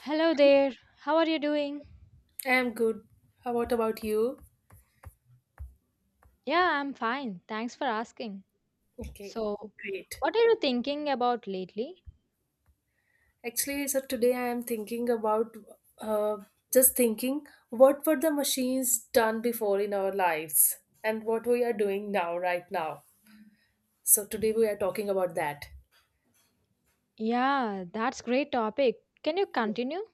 Hello there. How are you doing? I am good. How what about you? Yeah, I'm fine. Thanks for asking. Okay, So, great. what are you thinking about lately? Actually, so today I am thinking about uh, just thinking what were the machines done before in our lives and what we are doing now, right now. So today we are talking about that. Yeah, that's great topic. Can you continue?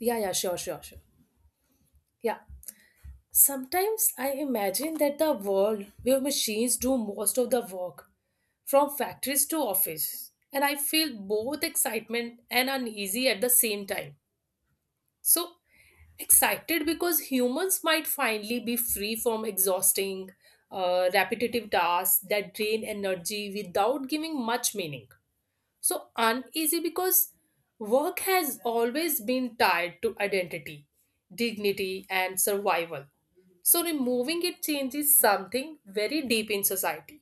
Yeah, yeah, sure, sure, sure. Yeah. Sometimes I imagine that the world where machines do most of the work, from factories to office, and I feel both excitement and uneasy at the same time. So excited because humans might finally be free from exhausting, repetitive tasks that drain energy without giving much meaning. So uneasy because work has always been tied to identity, dignity, and survival. So removing it changes something very deep in society.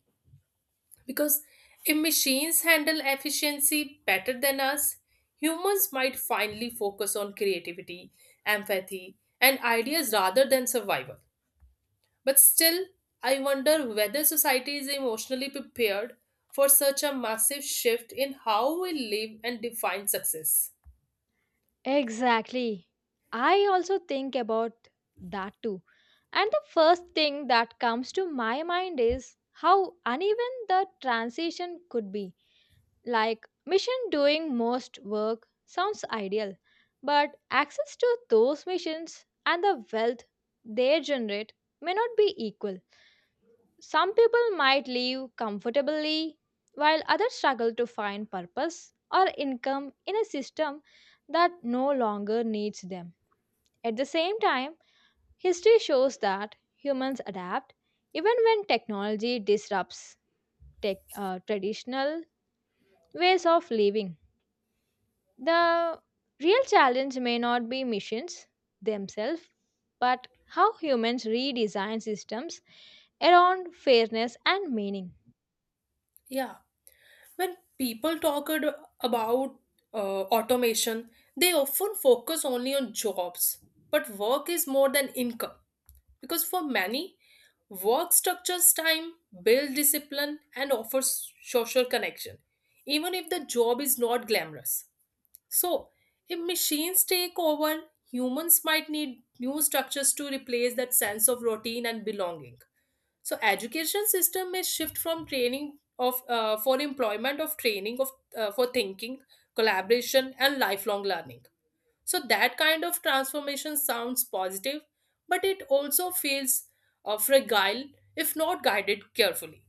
Because if machines handle efficiency better than us, humans might finally focus on creativity, empathy, and ideas rather than survival. But still, I wonder whether society is emotionally prepared for such a massive shift in how we live and define success. Exactly. I also think about that too. And the first thing that comes to my mind is how uneven the transition could be. Like mission doing most work sounds ideal, but access to those missions and the wealth they generate may not be equal. Some people might live comfortably while others struggle to find purpose or income in a system that no longer needs them. At the same time, history shows that humans adapt even when technology disrupts traditional ways of living. The real challenge may not be missions themselves, but how humans redesign systems around fairness and meaning. Yeah. When people about automation, they often focus only on jobs. But work is more than income because for many, work structures time, builds discipline, and offers social connection, even if the job is not glamorous. So, if machines take over, humans might need new structures to replace that sense of routine and belonging. So, education system may shift from training of for employment of training of for thinking, collaboration, and lifelong learning. So that kind of transformation sounds positive, but it also feels fragile if not guided carefully.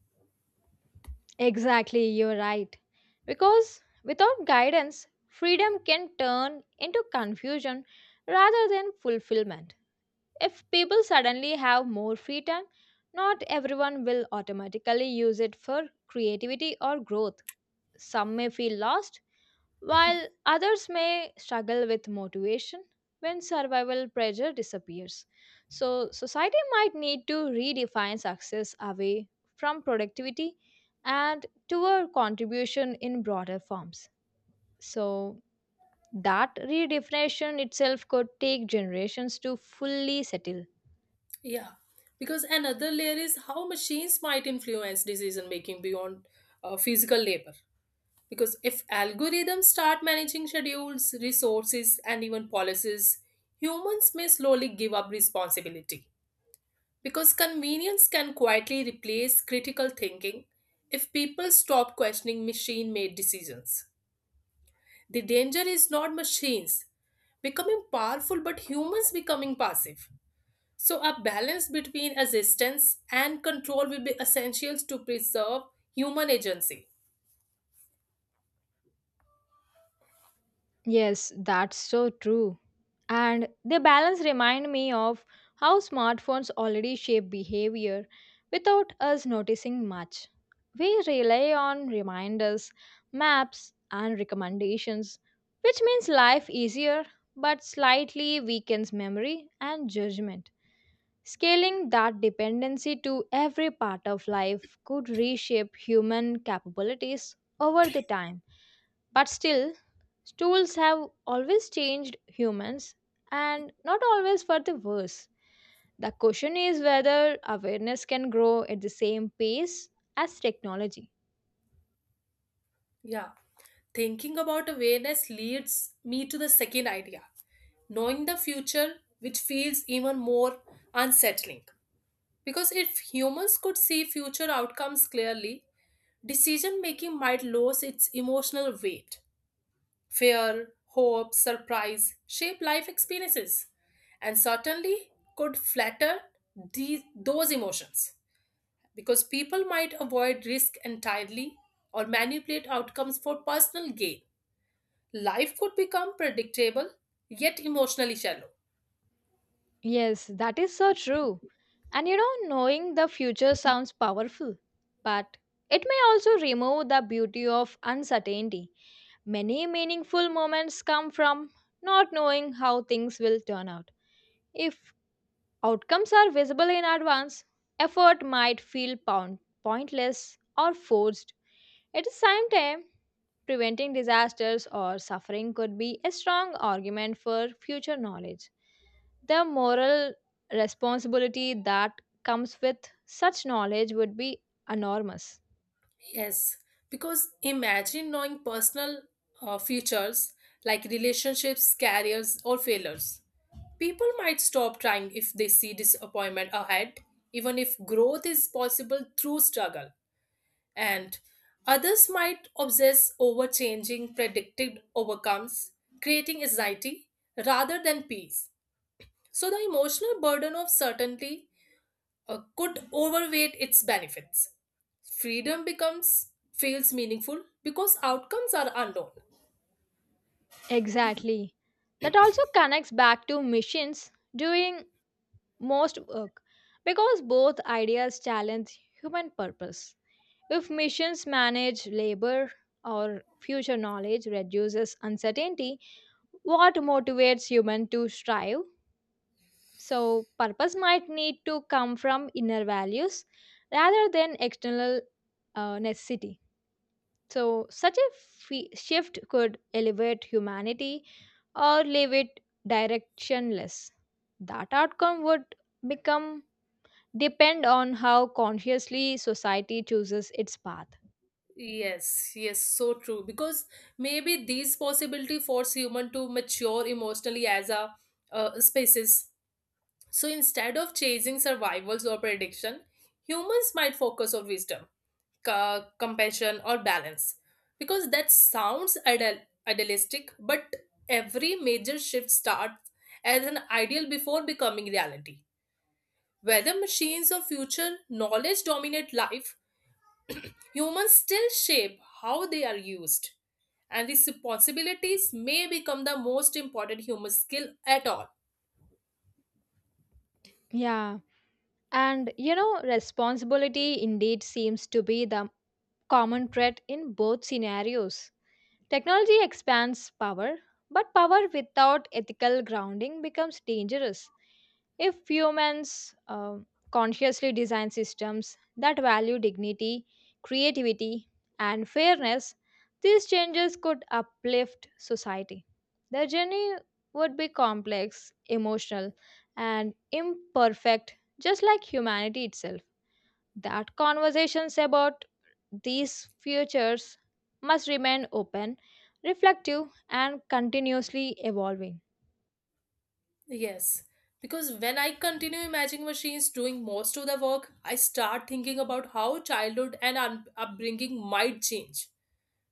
Exactly, you're right. Because without guidance, freedom can turn into confusion rather than fulfillment. If people suddenly have more free time, not everyone will automatically use it for creativity or growth. Some may feel lost while others may struggle with motivation when survival pressure disappears. So, society might need to redefine success away from productivity and toward contribution in broader forms. So, that redefinition itself could take generations to fully settle. Yeah, because another layer is how machines might influence decision making beyond physical labor. Because if algorithms start managing schedules, resources, and even policies, humans may slowly give up responsibility. Because convenience can quietly replace critical thinking if people stop questioning machine made decisions. The danger is not machines becoming powerful, but humans becoming passive. So, a balance between assistance and control will be essential to preserve human agency. Yes, that's so true. And their balance remind me of how smartphones already shape behavior without us noticing much. We rely on reminders, maps, and recommendations, which means life easier but slightly weakens memory and judgment. Scaling that dependency to every part of life could reshape human capabilities over the time. But still, tools have always changed humans and not always for the worse. The question is whether awareness can grow at the same pace as technology. Yeah. Thinking about awareness leads me to the second idea knowing the future, which feels even more unsettling. Because if humans could see future outcomes clearly, decision making might lose its emotional weight. Fear, hope, surprise shape life experiences and certainly could flatter those emotions because people might avoid risk entirely or manipulate outcomes for personal gain. Life could become predictable yet emotionally shallow. Yes, that is so true. And you know, knowing the future sounds powerful, but it may also remove the beauty of uncertainty. Many meaningful moments come from not knowing how things will turn out. If outcomes are visible in advance, effort might feel pointless or forced. At the same time, preventing disasters or suffering could be a strong argument for future knowledge. The moral responsibility that comes with such knowledge would be enormous. Yes, because imagine knowing personal futures like relationships, careers, or failures. People might stop trying if they see disappointment ahead, even if growth is possible through struggle. And others might obsess over changing predicted overcomes, creating anxiety rather than peace. So the emotional burden of certainty could overweight its benefits. Freedom becomes feels meaningful because outcomes are unknown. Exactly. That also connects back to missions doing most work because both ideas challenge human purpose. If missions manage labor or future knowledge reduces uncertainty, what motivates human to strive? So purpose might need to come from inner values rather than external necessity. So shift could elevate humanity or leave it directionless. That outcome would become depend on how consciously society chooses its path. Yes, yes, so true. Because maybe these possibility force human to mature emotionally as a species. So instead of chasing survivals or prediction, humans might focus on wisdom, compassion, or balance. Because that sounds idealistic, but every major shift starts as an ideal before becoming reality. Whether machines or future knowledge dominate life, humans still shape how they are used. And these responsibilities may become the most important human skill at all. Yeah. And you know, responsibility indeed seems to be the common thread in both scenarios. Technology expands power, but power without ethical grounding becomes dangerous. If humans consciously design systems that value dignity, creativity, and fairness, these changes could uplift society. The journey would be complex, emotional, and imperfect, just like humanity itself. That conversations about these futures must remain open, reflective, and continuously evolving. Yes, because when I continue imagining machines doing most of the work, I start thinking about how childhood and upbringing might change.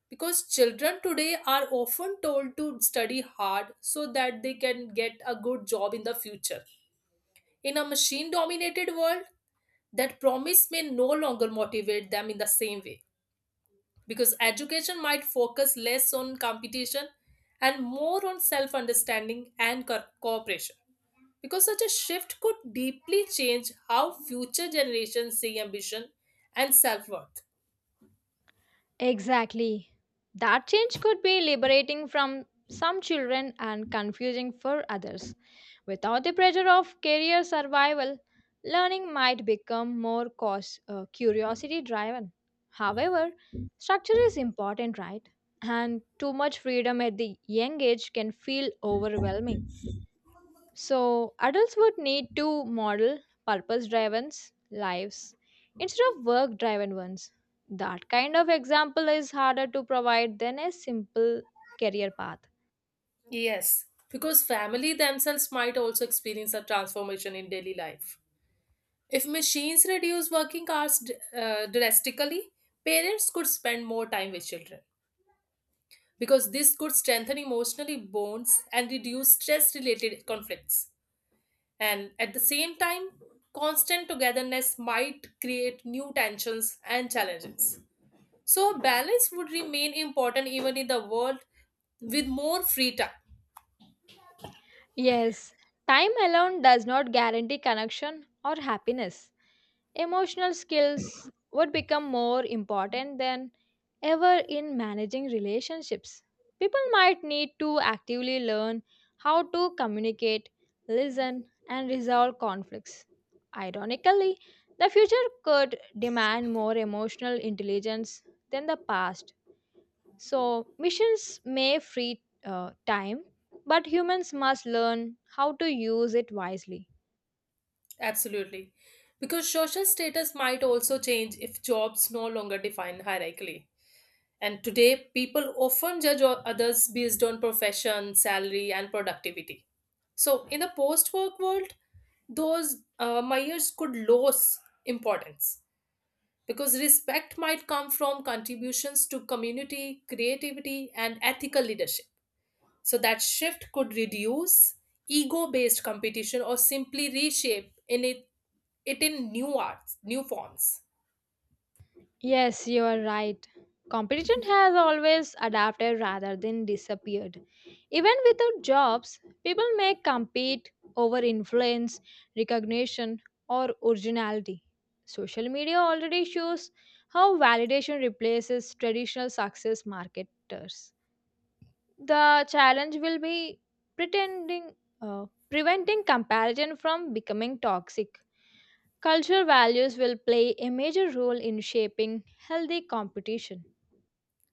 Because children today are often told to study hard so that they can get a good job in the future. In a machine dominated world, that promise may no longer motivate them in the same way. Because education might focus less on competition and more on self understanding and cooperation. Because such a shift could deeply change how future generations see ambition and self worth. Exactly. That change could be liberating from some children and confusing for others. Without the pressure of career survival, learning might become more curiosity driven. However, structure is important, right? And too much freedom at the young age can feel overwhelming. So, adults would need to model purpose driven lives instead of work driven ones. That kind of example is harder to provide than a simple career path. Yes, because family themselves might also experience a transformation in daily life. If machines reduce working hours drastically, parents could spend more time with children because this could strengthen emotionally bonds and reduce stress related conflicts. And at the same time, constant togetherness might create new tensions and challenges. So, balance would remain important even in the world with more free time. Yes, time alone does not guarantee connection or happiness. Emotional skills would become more important than ever in managing relationships. People might need to actively learn how to communicate, listen, and resolve conflicts. Ironically, the future could demand more emotional intelligence than the past. So, missions may free time, but humans must learn how to use it wisely. Absolutely. Because social status might also change if jobs no longer define hierarchically. And today, people often judge others based on profession, salary, and productivity. So, in the post work world, those myers could lose importance because respect might come from contributions to community, creativity, and ethical leadership. So, that shift could reduce ego based competition or simply reshape it in new arts, new forms. Yes, you are right. Competition has always adapted rather than disappeared. Even without jobs, people may compete over influence, recognition, or originality. Social media already shows how validation replaces traditional success marketers. The challenge will be pretending, uh, preventing comparison from becoming toxic. Cultural values will play a major role in shaping healthy competition.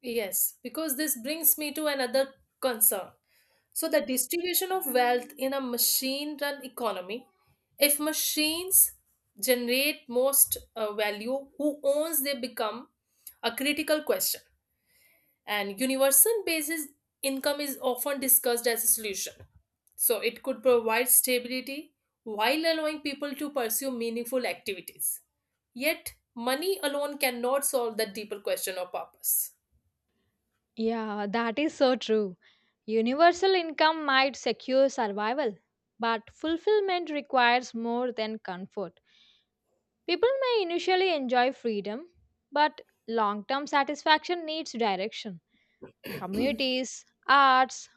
Yes, because this brings me to another concern. So, the distribution of wealth in a machine run economy, if machines generate most value, who owns they become a critical question and universal basis income is often discussed as a solution. So it could provide stability while allowing people to pursue meaningful activities. Yet, money alone cannot solve that deeper question of purpose. Yeah, that is so true. Universal income might secure survival, but fulfillment requires more than comfort. People may initially enjoy freedom, but long term satisfaction needs direction. Communities, arts,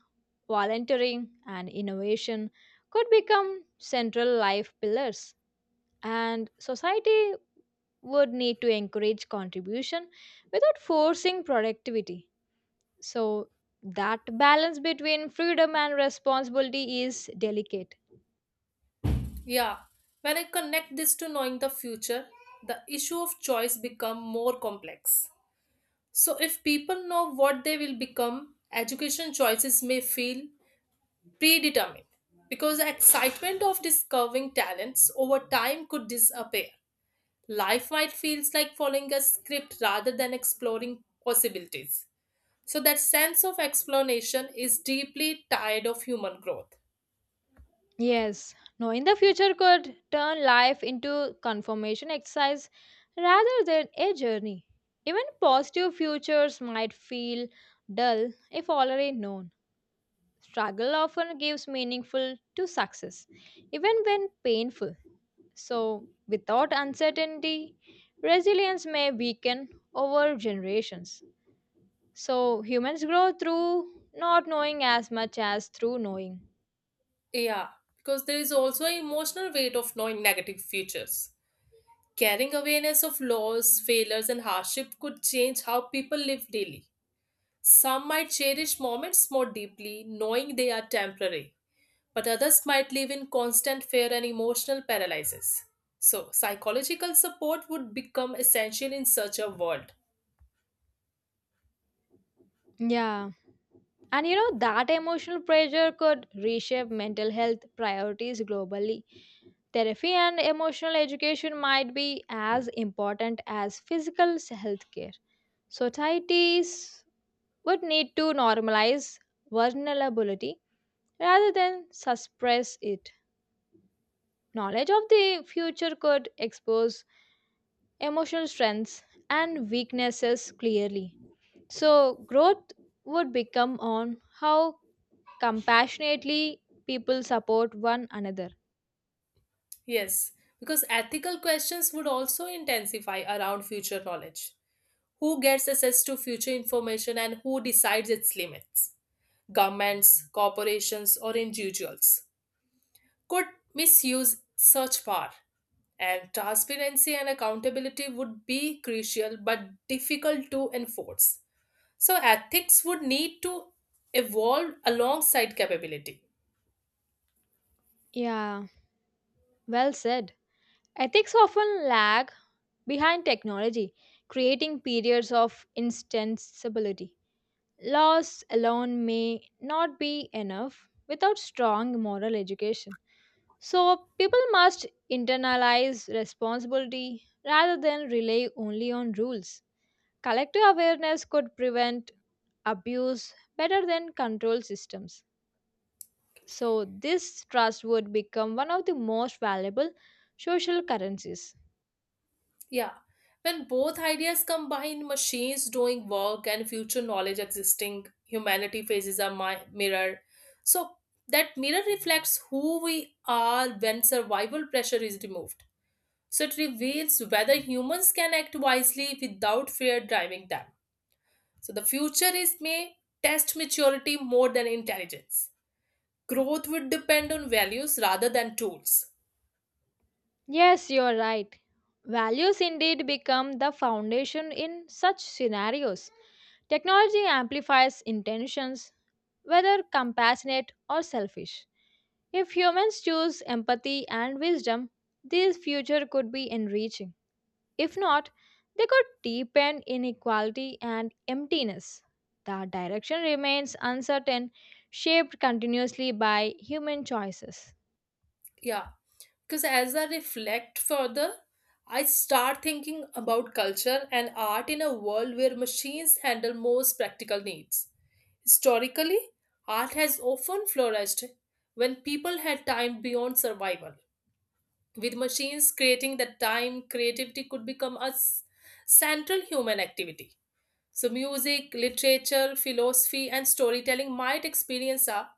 volunteering, and innovation could become central life pillars. And society would need to encourage contribution without forcing productivity. So, that balance between freedom and responsibility is delicate. Yeah, when I connect this to knowing the future, the issue of choice become more complex. So if people know what they will become, education choices may feel predetermined because the excitement of discovering talents over time could disappear. Life might feels like following a script rather than exploring possibilities. So that sense of explanation is deeply tied of human growth. Yes, knowing the future could turn life into confirmation exercise rather than a journey. Even positive futures might feel dull if already known. Struggle often gives meaningful to success, even when painful. So, without uncertainty, resilience may weaken over generations. So, humans grow through not knowing as much as through knowing. Yeah, because there is also an emotional weight of knowing negative futures. Carrying awareness of loss, failures, and hardship could change how people live daily. Some might cherish moments more deeply, knowing they are temporary but others might live in constant fear and emotional paralysis. So, psychological support would become essential in such a world. Yeah. And you know, that emotional pressure could reshape mental health priorities globally. Therapy and emotional education might be as important as physical health care. Societies would need to normalize vulnerability rather than suppress it. Knowledge of the future could expose emotional strengths and weaknesses clearly. So, growth would become on how compassionately people support one another. Yes, because ethical questions would also intensify around future knowledge. Who gets access to future information and who decides its limits? Governments, corporations, or individuals could misuse such power. And transparency and accountability would be crucial but difficult to enforce. So ethics would need to evolve alongside capability. Yeah, well said. Ethics often lag behind technology, creating periods of instability. Laws alone may not be enough without strong moral education. So people must internalize responsibility rather than rely only on rules. Collective awareness could prevent abuse better than control systems. So this trust would become one of the most valuable social currencies. Yeah. When both ideas combine machines doing work and future knowledge existing, humanity faces a mirror. So that mirror reflects who we are when survival pressure is removed. So it reveals whether humans can act wisely without fear driving them. So the future is may test maturity more than intelligence. Growth would depend on values rather than tools. Yes, you're right. Values indeed become the foundation in such scenarios. Technology amplifies intentions, whether compassionate or selfish. If humans choose empathy and wisdom, this future could be enriching. If not, they could deepen inequality and emptiness. The direction remains uncertain, shaped continuously by human choices. Yeah, because as I reflect further, I start thinking about culture and art in a world where machines handle most practical needs. Historically, art has often flourished when people had time beyond survival. With machines creating that time, creativity could become a central human activity. So, music, literature, philosophy, and storytelling might experience a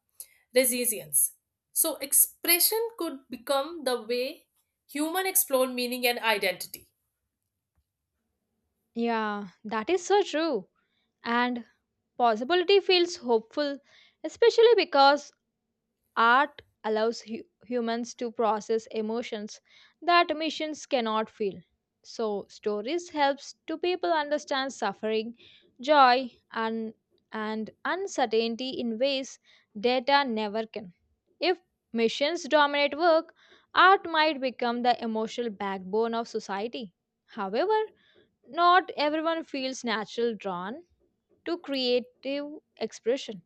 resilience. So, expression could become the way human explore meaning and identity. Yeah, that is so true. And possibility feels hopeful, especially because art allows humans to process emotions that machines cannot feel. So, stories helps to people understand suffering, joy, and uncertainty in ways data never can. If machines dominate work, art might become the emotional backbone of society. However, not everyone feels natural drawn to creative expression.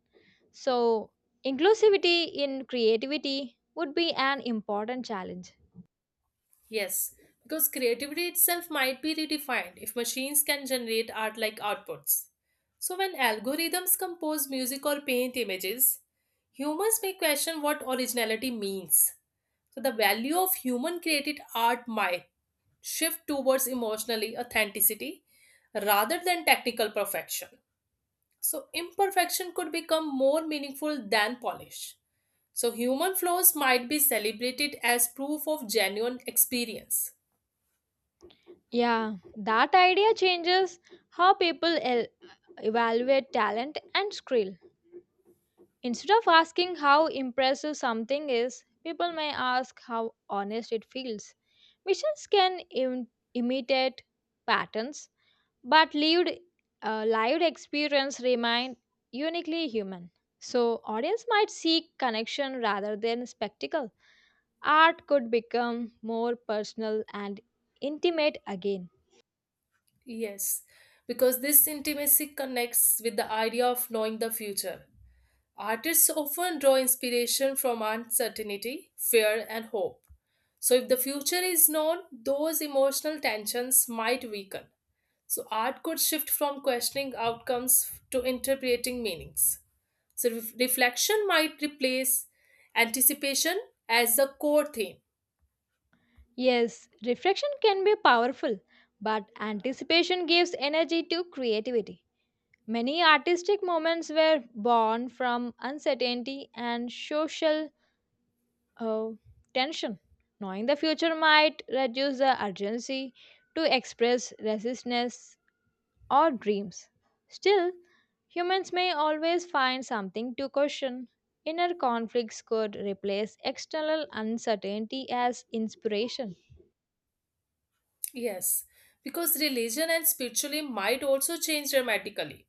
So, inclusivity in creativity would be an important challenge. Yes, because creativity itself might be redefined if machines can generate art like outputs. So, when algorithms compose music or paint images, humans may question what originality means. So, the value of human created art might shift towards emotionally authenticity rather than technical perfection. So imperfection could become more meaningful than polish. So human flaws might be celebrated as proof of genuine experience. Yeah, that idea changes how people evaluate talent and skill. Instead of asking how impressive something is, people may ask how honest it feels. Missions can imitate patterns but lived experience remain uniquely human. So audience might seek connection rather than spectacle. Art could become more personal and intimate again. Yes, because this intimacy connects with the idea of knowing the future. Artists often draw inspiration from uncertainty, fear, and hope. So, if the future is known, those emotional tensions might weaken. So, art could shift from questioning outcomes to interpreting meanings. So reflection might replace anticipation as the core theme. Yes, reflection can be powerful, but anticipation gives energy to creativity. Many artistic moments were born from uncertainty and social uh, tension. Knowing the future might reduce the urgency to express resistance or dreams. Still, humans may always find something to question. Inner conflicts could replace external uncertainty as inspiration. Yes, because religion and spirituality might also change dramatically.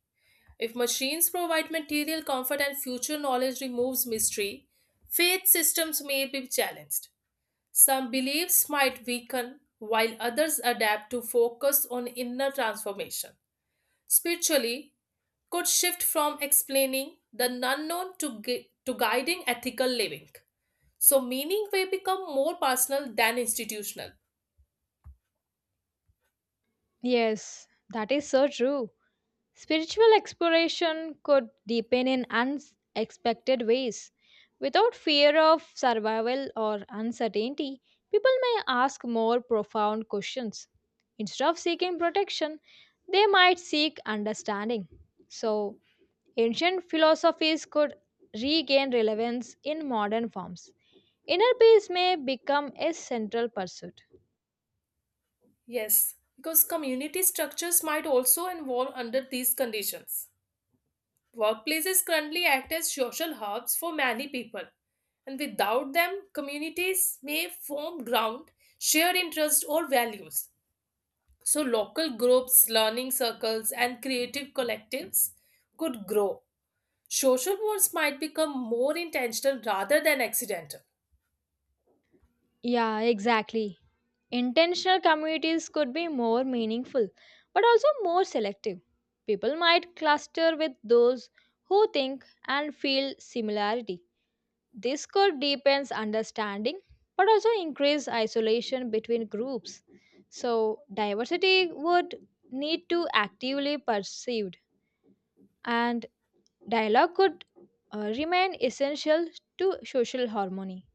If machines provide material comfort and future knowledge removes mystery, faith systems may be challenged. Some beliefs might weaken while others adapt to focus on inner transformation. Spiritually could shift from explaining the unknown to, to guiding ethical living. So, meaning may become more personal than institutional. Yes, that is so true. Spiritual exploration could deepen in unexpected ways. Without fear of survival or uncertainty, people may ask more profound questions. Instead of seeking protection, they might seek understanding. So, ancient philosophies could regain relevance in modern forms. Inner peace may become a central pursuit. Yes, because community structures might also evolve under these conditions. Workplaces currently act as social hubs for many people, and without them, communities may form ground, shared interests, or values. So, local groups, learning circles, and creative collectives could grow. Social bonds might become more intentional rather than accidental. Yeah, exactly. Intentional communities could be more meaningful, but also more selective. People might cluster with those who think and feel similarity. This could deepen understanding but also increase isolation between groups. So, diversity would need to actively perceived and dialogue could remain essential to social harmony.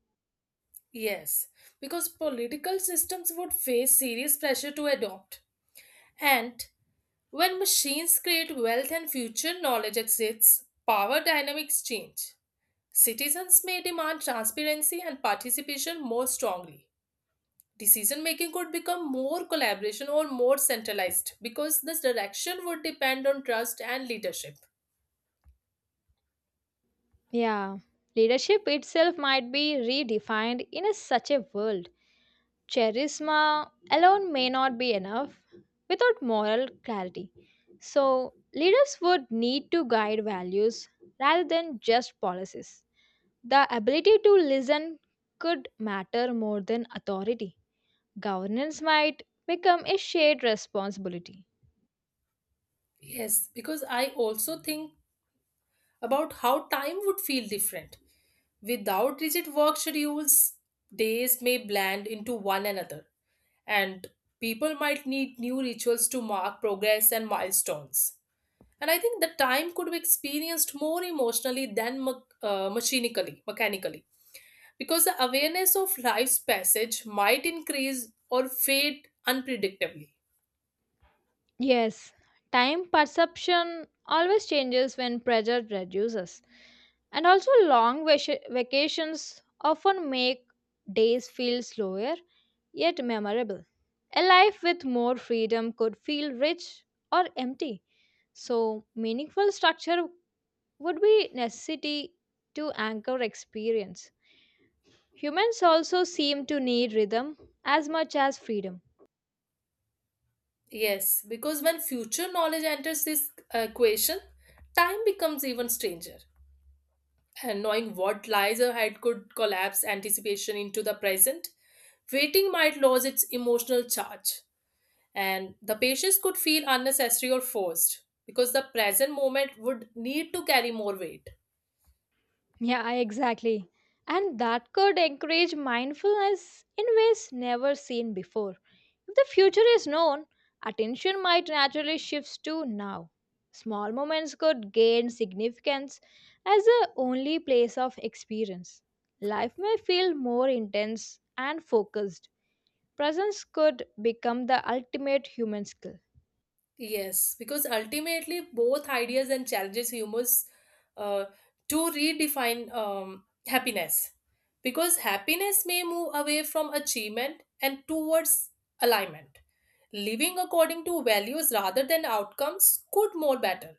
Yes, because political systems would face serious pressure to adopt. And when machines create wealth and future knowledge exists, power dynamics change. Citizens may demand transparency and participation more strongly. Decision making could become more collaboration or more centralized because this direction would depend on trust and leadership. Yeah, leadership itself might be redefined in such a world. Charisma alone may not be enough without moral clarity. So, leaders would need to guide values rather than just policies. The ability to listen could matter more than authority. Governance might become a shared responsibility. Yes, because I also think about how time would feel different. Without rigid work schedules, days may blend into one another, and people might need new rituals to mark progress and milestones. And I think the time could be experienced more emotionally than machinically, mechanically, because the awareness of life's passage might increase or fade unpredictably. Yes, time perception always changes when pressure reduces. And also, long vacations often make days feel slower yet memorable. A life with more freedom could feel rich or empty. So, meaningful structure would be necessity to anchor experience. Humans also seem to need rhythm as much as freedom. Yes, because when future knowledge enters this equation, time becomes even stranger. And knowing what lies ahead could collapse anticipation into the present. Waiting might lose its emotional charge, and the patience could feel unnecessary or forced because the present moment would need to carry more weight. Yeah, exactly. And that could encourage mindfulness in ways never seen before. If the future is known, attention might naturally shift to now. Small moments could gain significance as the only place of experience. Life may feel more intense and focused. Presence could become the ultimate human skill. Yes, because ultimately both ideas and challenges humans uh, to redefine happiness. Because happiness may move away from achievement and towards alignment. Living according to values rather than outcomes could more better.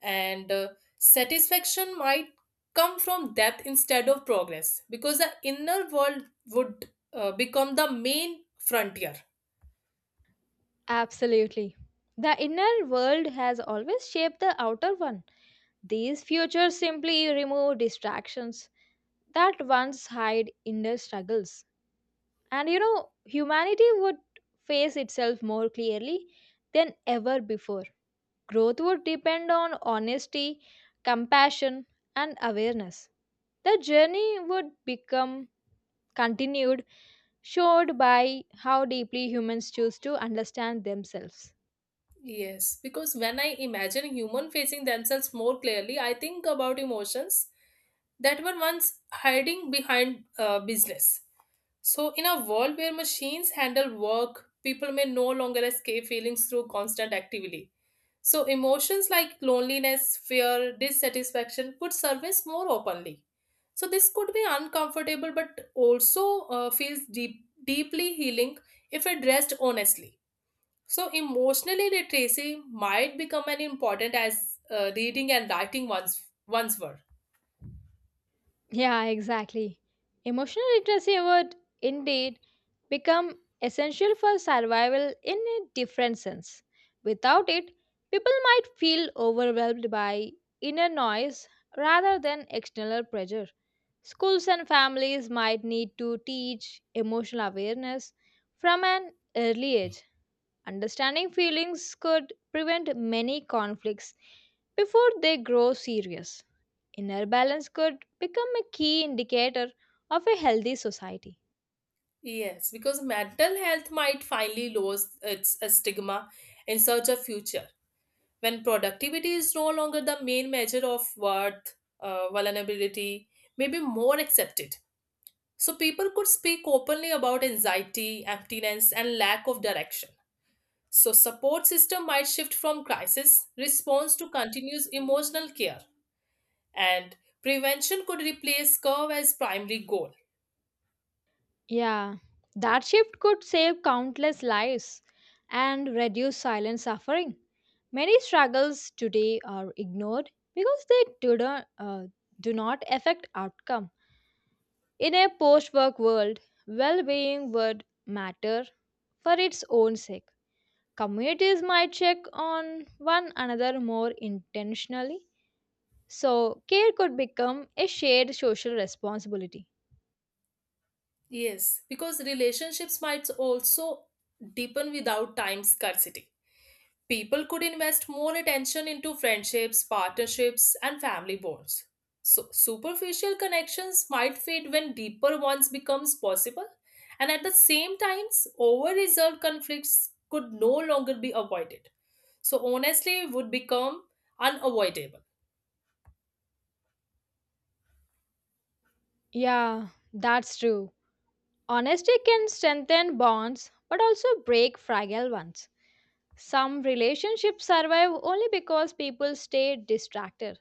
And satisfaction might come from depth instead of progress because the inner world would become the main frontier. Absolutely. The inner world has always shaped the outer one. These futures simply remove distractions that once hide inner struggles. And you know, humanity would face itself more clearly than ever before. Growth would depend on honesty, compassion, and awareness. The journey would become continued, showed by how deeply humans choose to understand themselves. Yes, because when I imagine human facing themselves more clearly, I think about emotions that were once hiding behind business. So, in a world where machines handle work, people may no longer escape feelings through constant activity. So, emotions like loneliness, fear, dissatisfaction could surface more openly. So, this could be uncomfortable but also feels deeply healing if addressed honestly. So, emotional literacy might become an important as reading and writing once were. Yeah, exactly. Emotional literacy would indeed become essential for survival in a different sense. Without it, people might feel overwhelmed by inner noise rather than external pressure. Schools and families might need to teach emotional awareness from an early age. Understanding feelings could prevent many conflicts before they grow serious. Inner balance could become a key indicator of a healthy society. Yes, because mental health might finally lose its stigma in search of future when productivity is no longer the main measure of worth, vulnerability may be more accepted. So people could speak openly about anxiety, emptiness, and lack of direction. So support system might shift from crisis response to continuous emotional care. And prevention could replace curve as primary goal. Yeah, that shift could save countless lives and reduce silent suffering. Many struggles today are ignored because they do not affect outcome. In a post work world, well being would matter for its own sake. Communities might check on one another more intentionally, so care could become a shared social responsibility. Yes, because relationships might also deepen without time scarcity. People could invest more attention into friendships, partnerships, and family bonds. So superficial connections might fade when deeper ones becomes possible. And at the same times over resolved conflicts could no longer be avoided. So honestly would become unavoidable. Yeah, that's true. Honesty can strengthen bonds but also break fragile ones. Some relationships survive only because people stay distracted.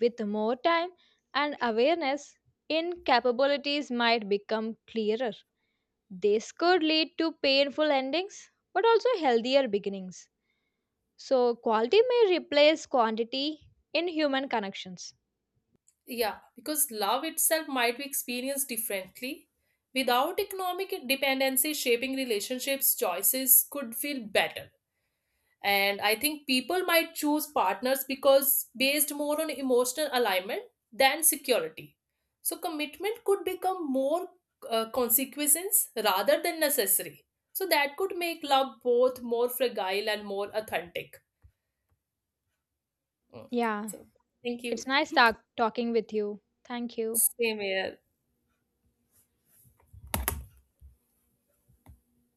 With more time and awareness, incapabilities might become clearer. This could lead to painful endings, but also healthier beginnings. So, quality may replace quantity in human connections. Yeah, because love itself might be experienced differently. Without economic dependency, shaping relationships, choices could feel better. And I think people might choose partners because based more on emotional alignment than security. So commitment could become more consequences rather than necessary. So that could make love both more fragile and more authentic. Mm. Yeah, So thank you. it's nice talking with you. Thank you. Same here.